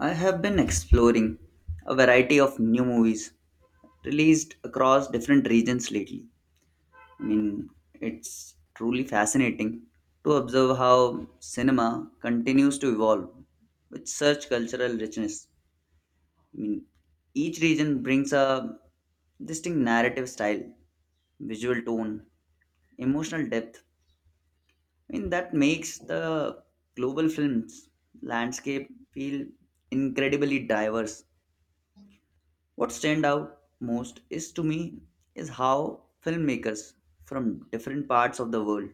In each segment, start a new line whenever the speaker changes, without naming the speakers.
I have been exploring a variety of new movies released across different regions lately. It's truly fascinating to observe how cinema continues to evolve with such cultural richness. I mean, each region brings a distinct narrative style, visual tone, emotional depth. That makes the global films landscape feel incredibly diverse. What stand out most is to me is how filmmakers from different parts of the world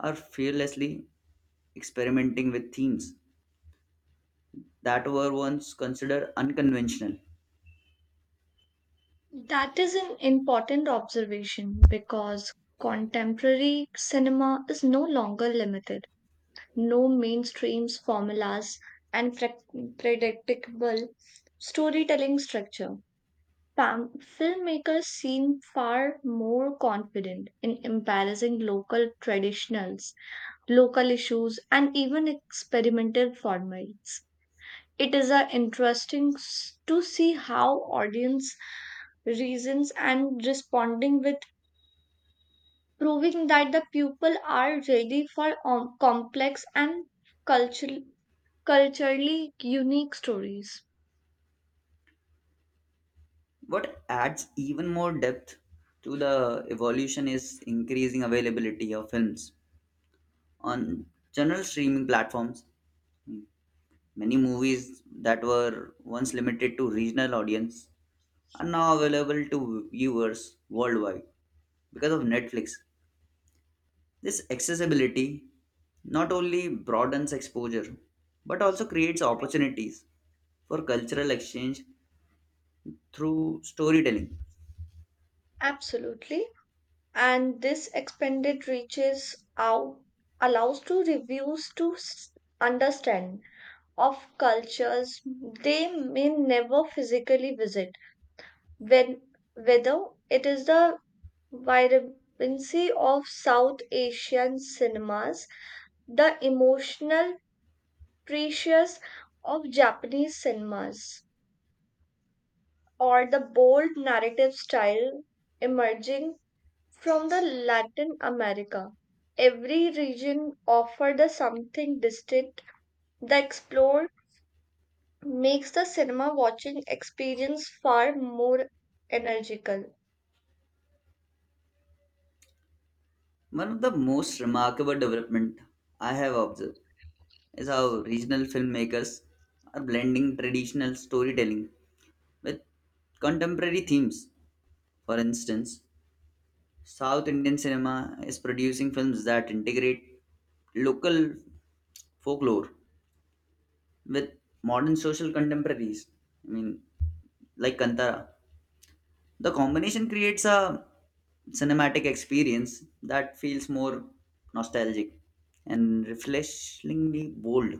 are fearlessly experimenting with themes that were once considered unconventional.
That is an important observation because contemporary cinema is no longer limited. No mainstream's formulas and predictable storytelling structure. Filmmakers seem far more confident in embracing local traditionals, local issues, and even experimental formats. It is interesting to see how audience reasons and responding with proving that the people are ready for complex and cultural culturally unique stories.
What adds even more depth to the evolution is increasing availability of films on general streaming platforms. Many movies that were once limited to regional audience are now available to viewers worldwide because of Netflix. This accessibility not only broadens exposure but also creates opportunities for cultural exchange through storytelling.
Absolutely. And this expanded reaches out, allows to reviews to understand of cultures they may never physically visit, when whether it is the vibrancy of South Asian cinemas, the emotional precious of Japanese cinemas, or the bold narrative style emerging from the Latin America. Every region offered a something distinct. The explore makes the cinema watching experience far more energical.
One of the most remarkable development I have observed is how regional filmmakers are blending traditional storytelling with contemporary themes. For instance, South Indian cinema is producing films that integrate local folklore with modern social contemporaries. I mean, like Kantara, the combination creates a cinematic experience that feels more nostalgic and refreshingly bold.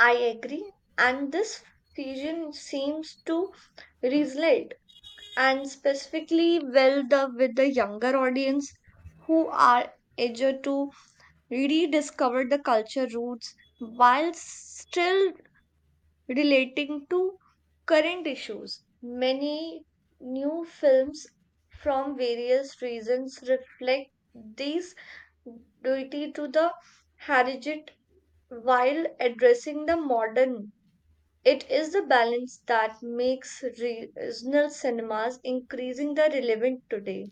I agree, and this fusion seems to resonate and specifically well the with the younger audience who are eager to rediscover the culture roots while still relating to current issues. Many new films from various reasons reflect this duty to the heritage while addressing the modern it is the balance that makes regional cinemas increasingly relevant today.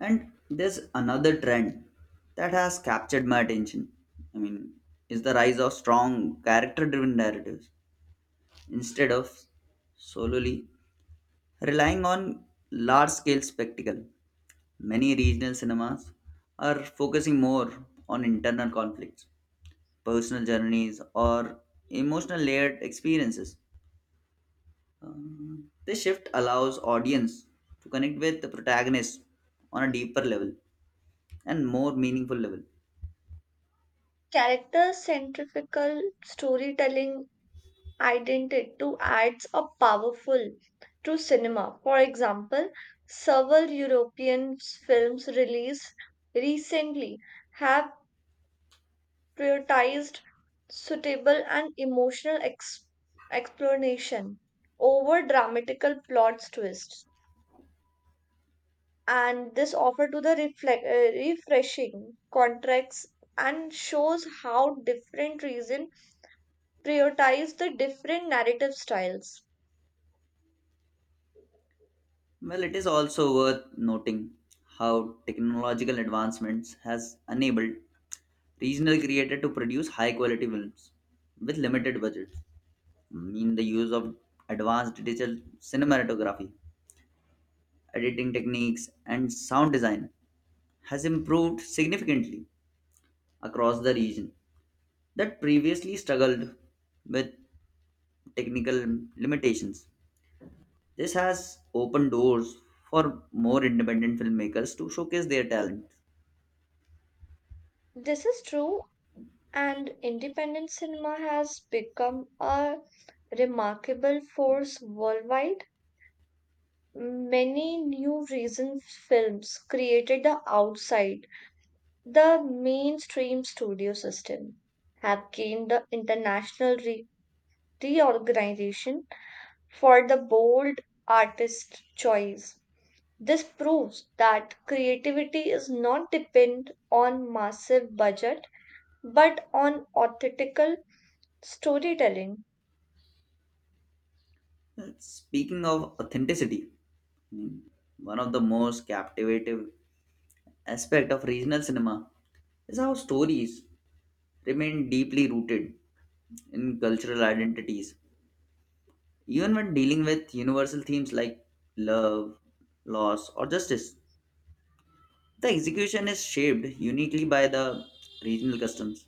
And there's another trend that has captured my attention. I mean, is the rise of strong character-driven narratives instead of solely relying on large-scale spectacle. Many regional cinemas are focusing more on internal conflicts, personal journeys, or emotional layered experiences. This shift allows audience to connect with the protagonist on a deeper level and more meaningful level.
Character-centric storytelling identity to adds a powerful to cinema. For example, several European films released recently have prioritized suitable and emotional explanation over dramatical plot twists. And this offer to the reflect, refreshing contracts and shows how different reason prioritize the different narrative styles.
Well, it is also worth noting how technological advancements has enabled regional creators to produce high quality films with limited budgets. I mean the use of advanced digital cinematography editing techniques, and sound design has improved significantly across the region that previously struggled with technical limitations. This has opened doors for more independent filmmakers to showcase their talent.
This is true, and independent cinema has become a remarkable force worldwide. Many new recent films created the outside the mainstream studio system have gained the international reorganization for the bold artist choice. This proves that creativity is not dependent on massive budget but on authentical storytelling.
Speaking of authenticity, mm, one of the most captivating aspect of regional cinema is how stories remain deeply rooted in cultural identities. Even when dealing with universal themes like love, loss, or justice, the execution is shaped uniquely by the regional customs,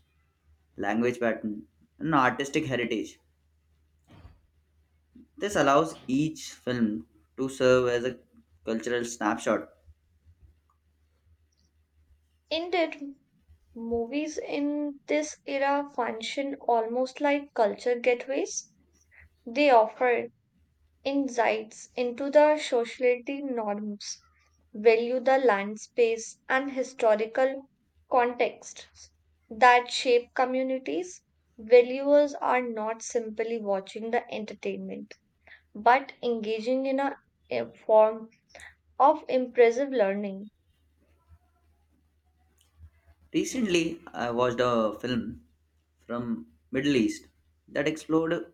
language pattern, and artistic heritage. This allows each film to serve as a cultural snapshot.
Indeed, movies in this era function almost like culture gateways. They offer insights into the society norms, value the land space, and historical contexts that shape communities. Valuers are not simply watching the entertainment, but engaging in a form of impressive learning.
Recently, I watched a film from Middle East that explored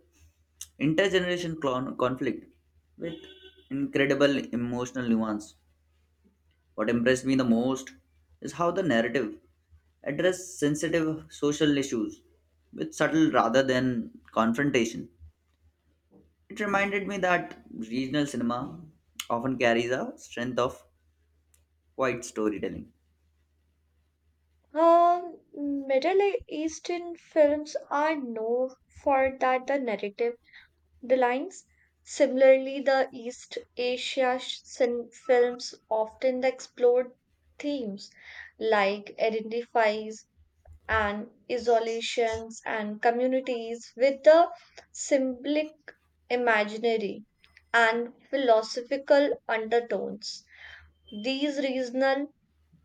intergeneration conflict with incredible emotional nuance. What impressed me the most is how the narrative addressed sensitive social issues with subtle rather than confrontation. It reminded me that regional cinema often carries a strength of quiet storytelling.
Uh, Middle Eastern films are known for that the narrative the lines. Similarly, the East Asia films often explored themes like identities and isolations and communities with the symbolic imaginary and philosophical undertones. These regional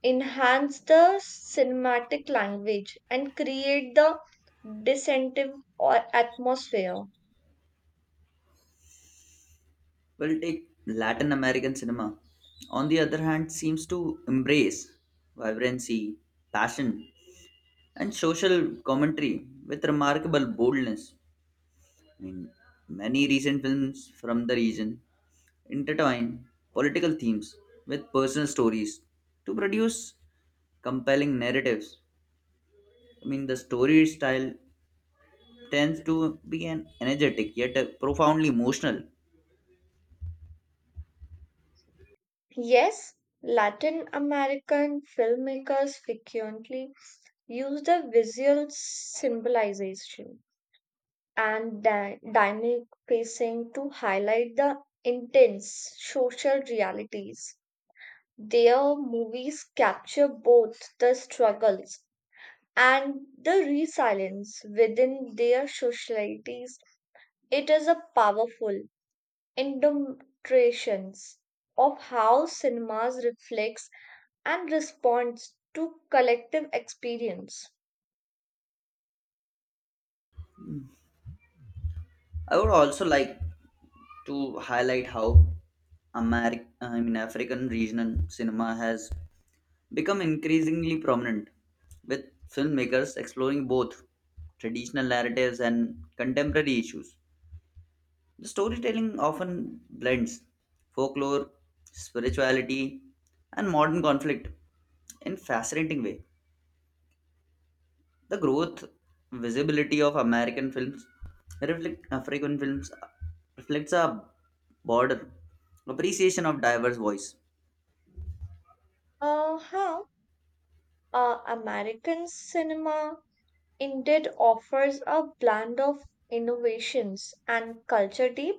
enhance the cinematic language and create the dissentive or atmosphere.
Well, take Latin American cinema, on the other hand, seems to embrace vibrancy, passion, and social commentary with remarkable boldness. I mean, Many recent films from the region intertwine political themes with personal stories to produce compelling narratives. The story style tends to be an energetic yet profoundly emotional.
Yes, Latin American filmmakers frequently use the visual symbolization and dynamic pacing to highlight the intense social realities. Their movies capture both the struggles and the resilience within their societies. It is a powerful indentration of how cinemas reflects and responds to collective experience.
I would also like to highlight how African regional cinema has become increasingly prominent, with filmmakers exploring both traditional narratives and contemporary issues. The storytelling often blends folklore, spirituality, and modern conflict in fascinating way. The growth visibility of American films reflect African films reflects a broader appreciation of diverse voice.
How American cinema indeed offers a blend of innovations and culture deep.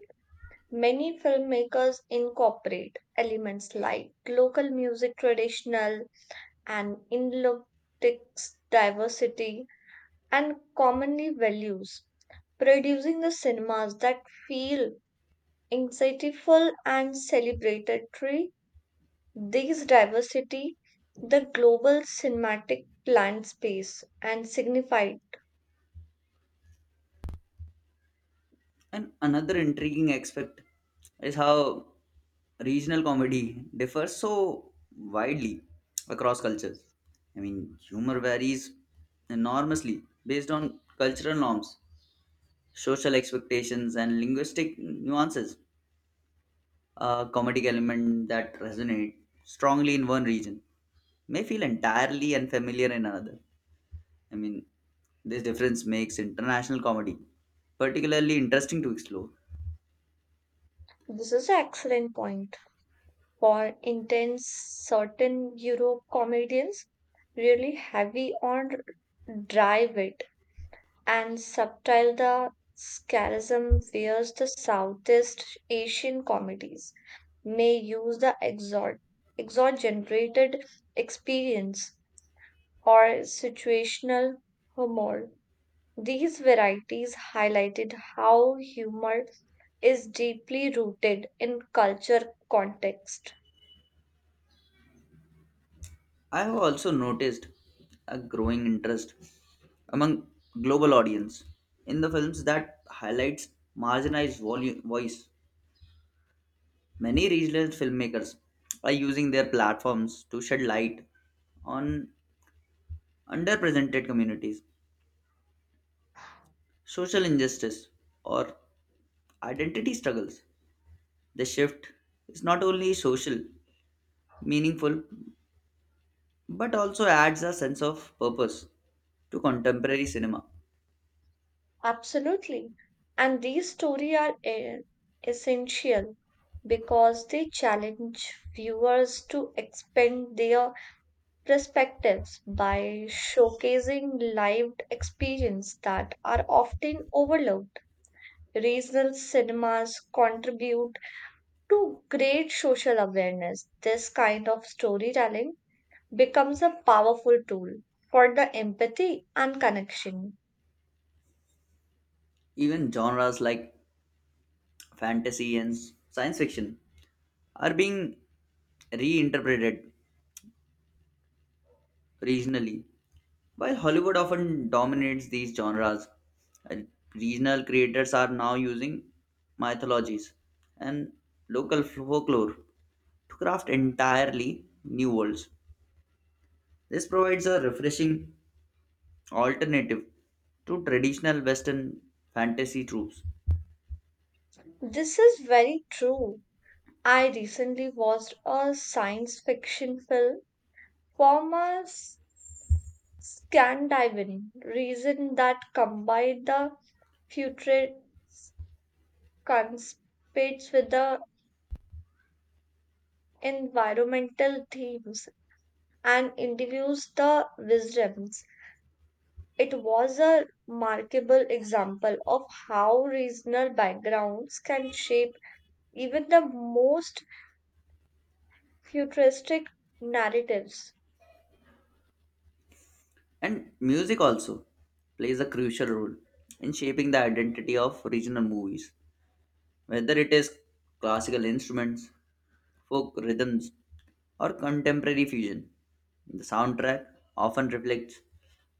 Many filmmakers incorporate elements like local music, traditional and linguistics diversity, and commonly values, producing the cinemas that feel anxietyful and celebratory. These diversity, the global cinematic land space, and signified.
And another intriguing aspect is how regional comedy differs so widely across cultures. Humor varies enormously based on cultural norms, social expectations, and linguistic nuances. A comedic element that resonates strongly in one region may feel entirely unfamiliar in another. I mean, this difference makes international comedy particularly interesting to explore.
This is an excellent point. For intense, certain Euro comedians really heavy on dry wit and subtle the scarism whereas the Southeast Asian comedies may use the exaggerated experience or situational humor. These varieties highlighted how humor is deeply rooted in culture context.
I have also noticed a growing interest among global audience in the films that highlights marginalized voice. Many regional filmmakers are using their platforms to shed light on underrepresented communities, social injustice, or identity struggles. The shift is not only social, meaningful, but also adds a sense of purpose to contemporary cinema.
Absolutely. And these stories are essential because they challenge viewers to expand their perspectives by showcasing lived experience that are often overlooked. Regional cinemas contribute to great social awareness. This kind of storytelling becomes a powerful tool for the empathy and connection.
Even genres like fantasy, and science fiction are being reinterpreted regionally. While Hollywood often dominates these genres, uh, regional creators are now using mythologies and local folklore to craft entirely new worlds. This provides a refreshing alternative to traditional Western fantasy tropes.
This is very true. I recently watched a science fiction film from a Scandinavian region that combined the future conspirates with the environmental themes and interviews the wisdoms. It was a remarkable example of how regional backgrounds can shape even the most futuristic narratives.
And music also plays a crucial role in shaping the identity of regional movies. Whether it is classical instruments, folk rhythms, or contemporary fusion. The soundtrack often reflects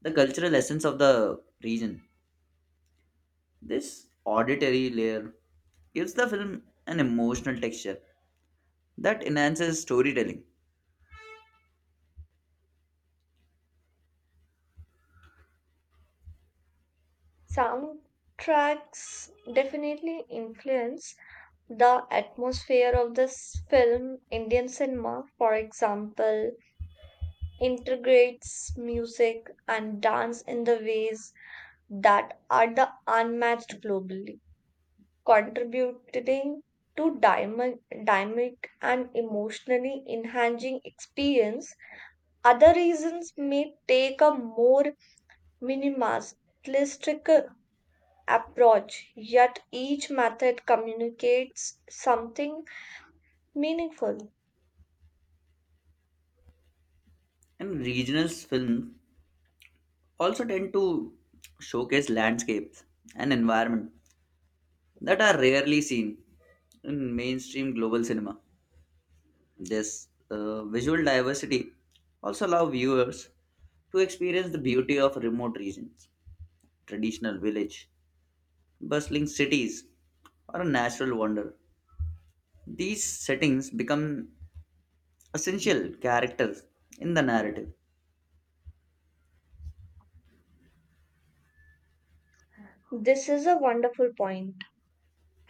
the cultural essence of the region. This auditory layer gives the film an emotional texture that enhances storytelling.
Soundtracks definitely influence the atmosphere of this film. Indian cinema, for example, integrates music and dance in the ways that are the unmatched globally, contributing to dynamic and emotionally enhancing experience. Other reasons may take a more minimalistic approach, yet each method communicates something meaningful.
And regional films also tend to showcase landscapes and environment that are rarely seen in mainstream global cinema. This visual diversity also allow viewers to experience the beauty of remote regions, traditional village, bustling cities, or a natural wonder. These settings become essential characters in the narrative,
This is a wonderful point.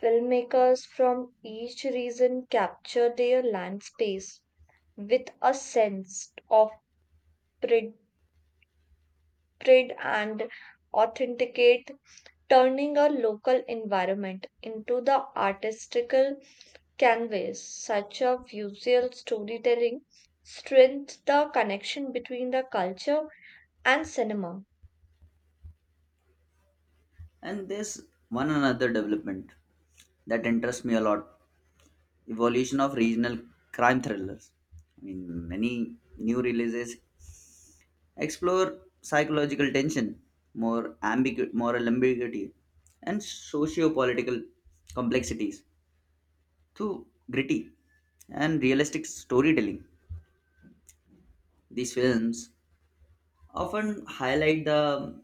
Filmmakers from each region capture their land space with a sense of pride, pride and authenticate, turning a local environment into the artistical canvas. Such a visual storytelling strengthens the connection between the culture and cinema.
and this one another development that interests me a lot. Evolution of regional crime thrillers. Many new releases explore psychological tension, moral ambiguity, and socio-political complexities through gritty and realistic storytelling. These films often highlight the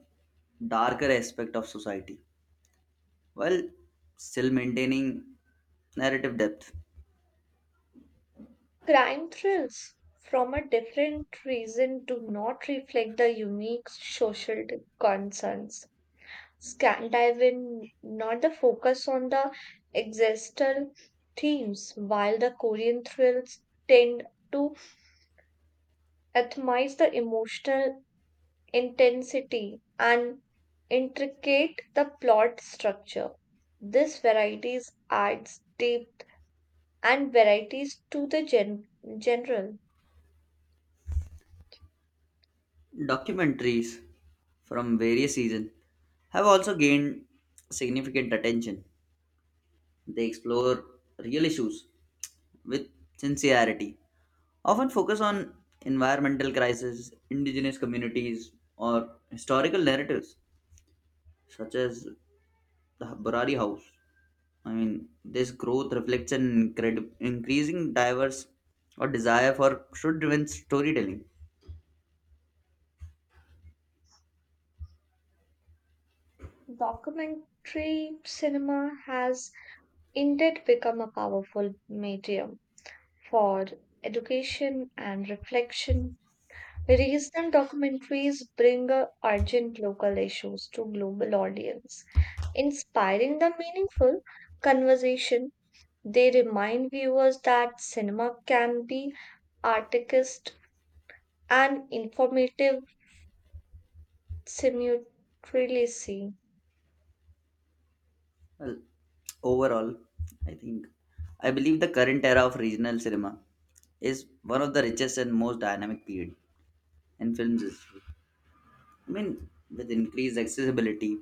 darker aspect of society while still maintaining narrative depth.
Crime thrills from a different reason do not reflect the unique social concerns. Scandinavian not the focus on the existential themes, while the Korean thrills tend to atomize the emotional intensity, and intricate the plot structure. This varieties adds depth and varieties to the general.
Documentaries from various seasons have also gained significant attention. They explore real issues with sincerity, often focus on environmental crises, indigenous communities, or historical narratives such as the Burari House. This growth reflects an increasing diverse or desire for should-driven storytelling.
Documentary cinema has indeed become a powerful medium for education and reflection. Regional documentaries bring a urgent local issues to global audience, inspiring the meaningful conversation. They remind viewers that cinema can be artistic and informative simultaneously.
Well, overall, I think I believe the current era of regional cinema is one of the richest and most dynamic period in films. I mean, with increased accessibility,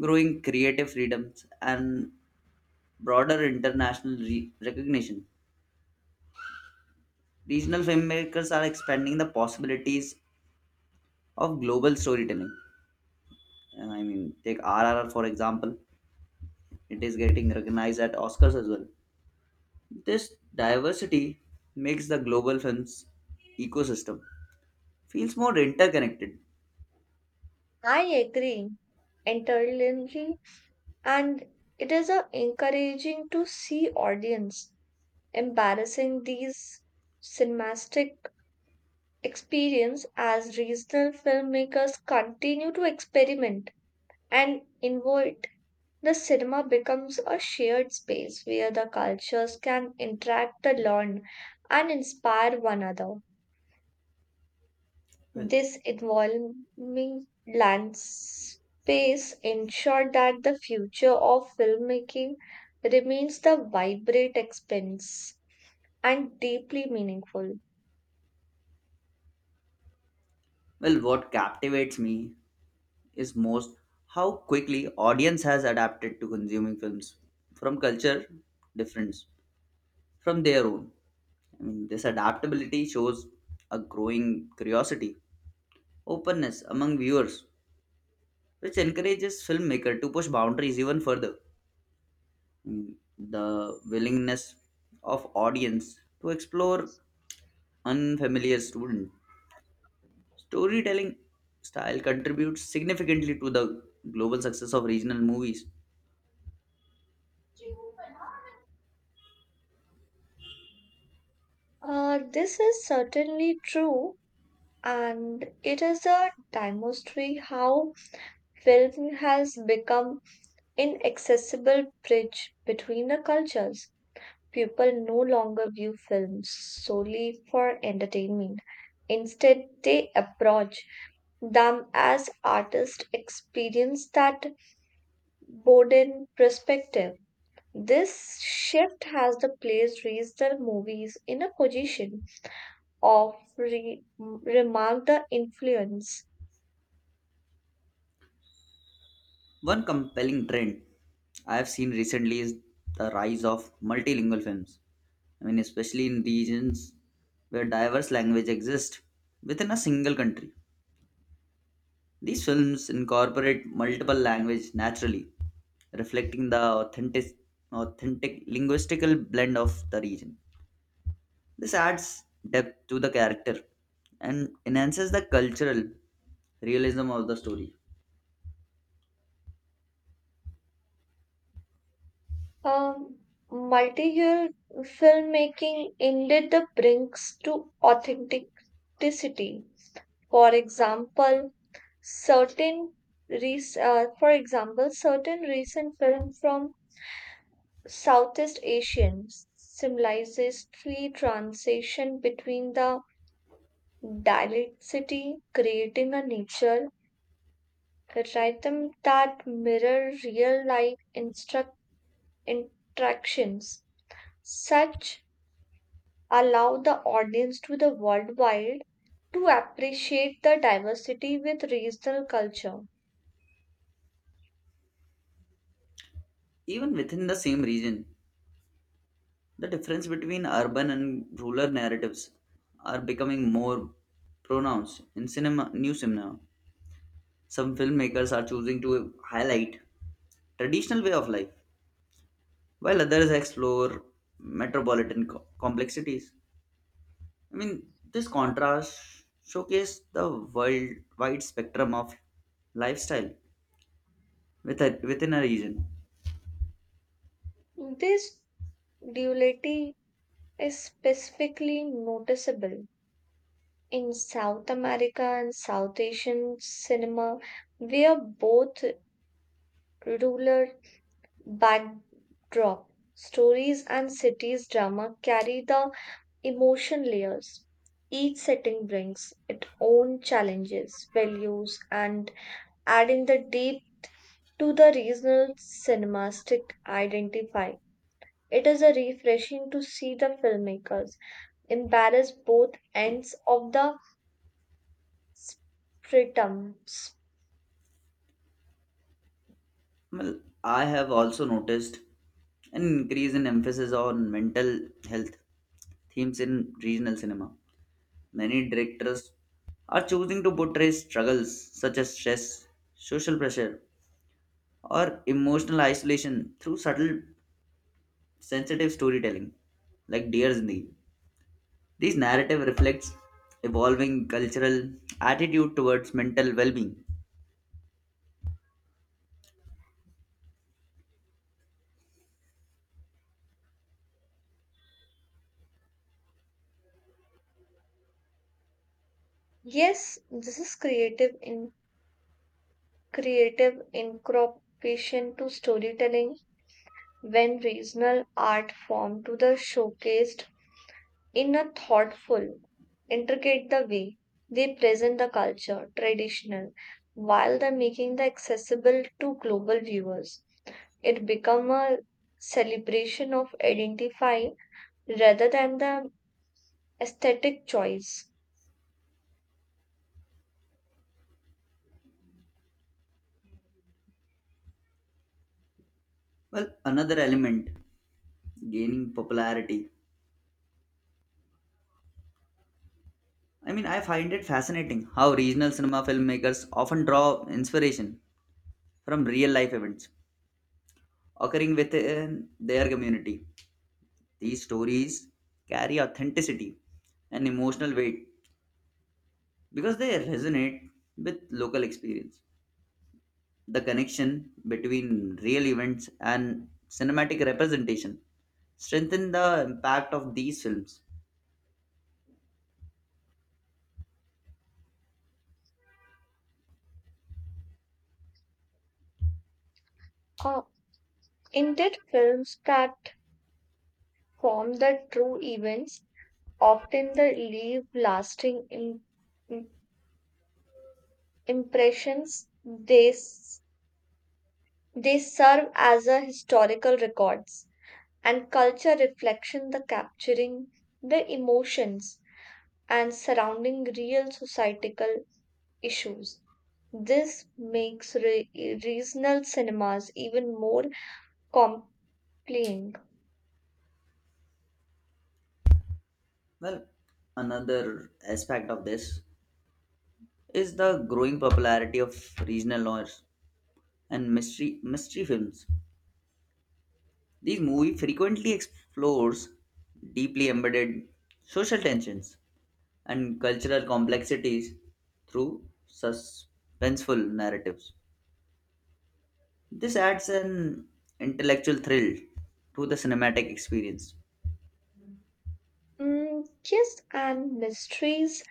growing creative freedoms, and broader international recognition, regional filmmakers are expanding the possibilities of global storytelling. Take RRR for example, it is getting recognized at Oscars as well. This diversity makes the global films ecosystem feels more interconnected.
I agree entirely, and it is a encouraging to see audience embarrassing these cinematic experience as regional filmmakers continue to experiment and innovate. The cinema becomes a shared space where the cultures can interact, learn, and inspire one another.
Well,
This evolving land space ensures that the future of filmmaking remains the vibrant expanse and deeply meaningful.
well, what captivates me is most how quickly audience has adapted to consuming films from culture difference from their own. This adaptability shows a growing curiosity, openness among viewers, which encourages filmmaker to push boundaries even further. Mm, the willingness of audience to explore unfamiliar student storytelling style contributes significantly to the global success of regional movies.
This is certainly true, and it is a demonstrate how film has become inaccessible bridge between the cultures. People no longer view films solely for entertainment. Instead, they approach them as artists experience that broaden perspective. This shift has the plays raised the movies in a position of remark the influence.
One compelling trend I have seen recently is the rise of multilingual films. Especially in regions where diverse languages exist within a single country. These films incorporate multiple language naturally, reflecting authentic linguistical blend of the region. This adds depth to the character and enhances the cultural realism of the story.
Um, Multi-year filmmaking indeed the brings to authenticity. For example, certain for example, certain recent film from Southeast Asian symbolizes three transition between the dialecticity, creating a nature rhythm that mirror real life instruct interactions. Such allow the audience to the worldwide to appreciate the diversity with regional culture.
Even within the same region, the difference between urban and rural narratives are becoming more pronounced in new cinema. Some filmmakers are choosing to highlight traditional way of life, while others explore metropolitan complexities. I mean, this contrast showcase the world wide spectrum of lifestyle within a region.
This duality is specifically noticeable in South America and South Asian cinema, where both rural backdrop stories and cities drama carry the emotion layers. Each setting brings its own challenges, values, and adding the deep to the regional cinematic identify. It is a refreshing to see the filmmakers embrace both ends of the prisms.
Well, I have also noticed an increase in emphasis on mental health themes in regional cinema. Many directors are choosing to portray struggles such as stress, social pressure, or emotional isolation through subtle, sensitive storytelling, like Dear Zindagi. This narrative reflects evolving cultural attitude towards mental well-being.
Yes, this is creative in creative incorporation to storytelling when regional art form to the showcased in a thoughtful, intricate the way they present the culture, traditional, while they're making the accessible to global viewers. It become a celebration of identify rather than the aesthetic choice.
Well, another element gaining popularity. I find it fascinating how regional cinema filmmakers often draw inspiration from real life events occurring within their community. These stories carry authenticity and emotional weight because they resonate with local experience. The connection between real events and cinematic representation strengthen the impact of these films.
Uh, Indeed, films that form the true events often the leave lasting im- impressions. They serve as a historical records and culture reflection the capturing the emotions and surrounding real societal issues. This makes regional cinemas even more compelling.
Well, another aspect of this is the growing popularity of regional genres and mystery films. These movie frequently explores deeply embedded social tensions and cultural complexities through suspenseful narratives. This adds an intellectual thrill to the cinematic experience.
Mm, yes, and mysteries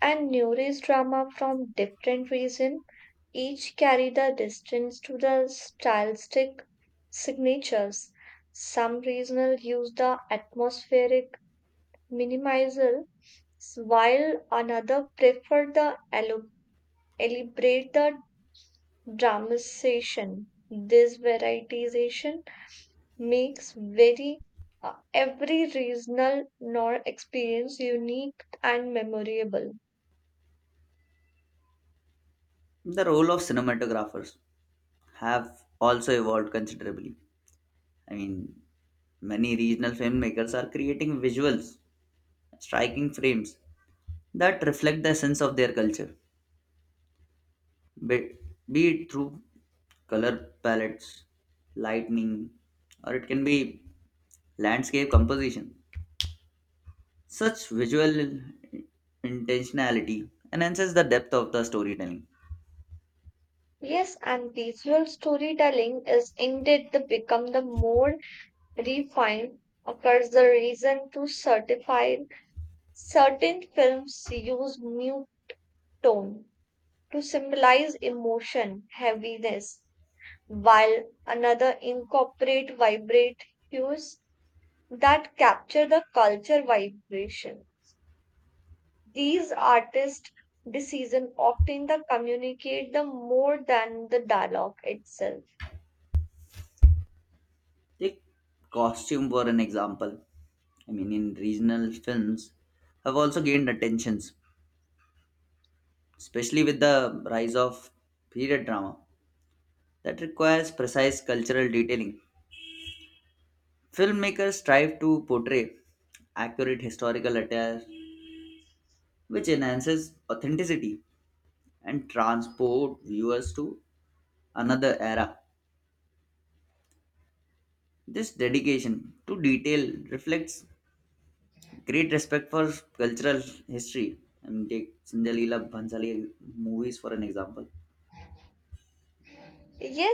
and neurist drama from different regions each carry the distance to the stylistic signatures. Some regional use the atmospheric minimalism, while another prefer the elaborate the dramatization. This varietization makes very every regional nor experience unique and memorable.
The role of cinematographers have also evolved considerably. I mean, Many regional filmmakers are creating visuals, striking frames that reflect the essence of their culture. be, be it through color palettes, lightning, or it can be landscape composition. Such visual intentionality enhances the depth of the storytelling.
Yes, and visual storytelling is indeed the become the more refined occurs the reason to certify certain films use mute tone to symbolize emotion, heaviness, while another incorporate vibrate hues that capture the culture vibration. These artist decision often the communicate the more than the dialogue itself.
Take costume for an example. In regional films, have also gained attentions, especially with the rise of period drama that requires precise cultural detailing. Filmmakers strive to portray accurate historical attire which enhances authenticity and transport viewers to another era. This dedication to detail reflects great respect for cultural history. Take Sindhalila Bhansali movies for an example.
Yes,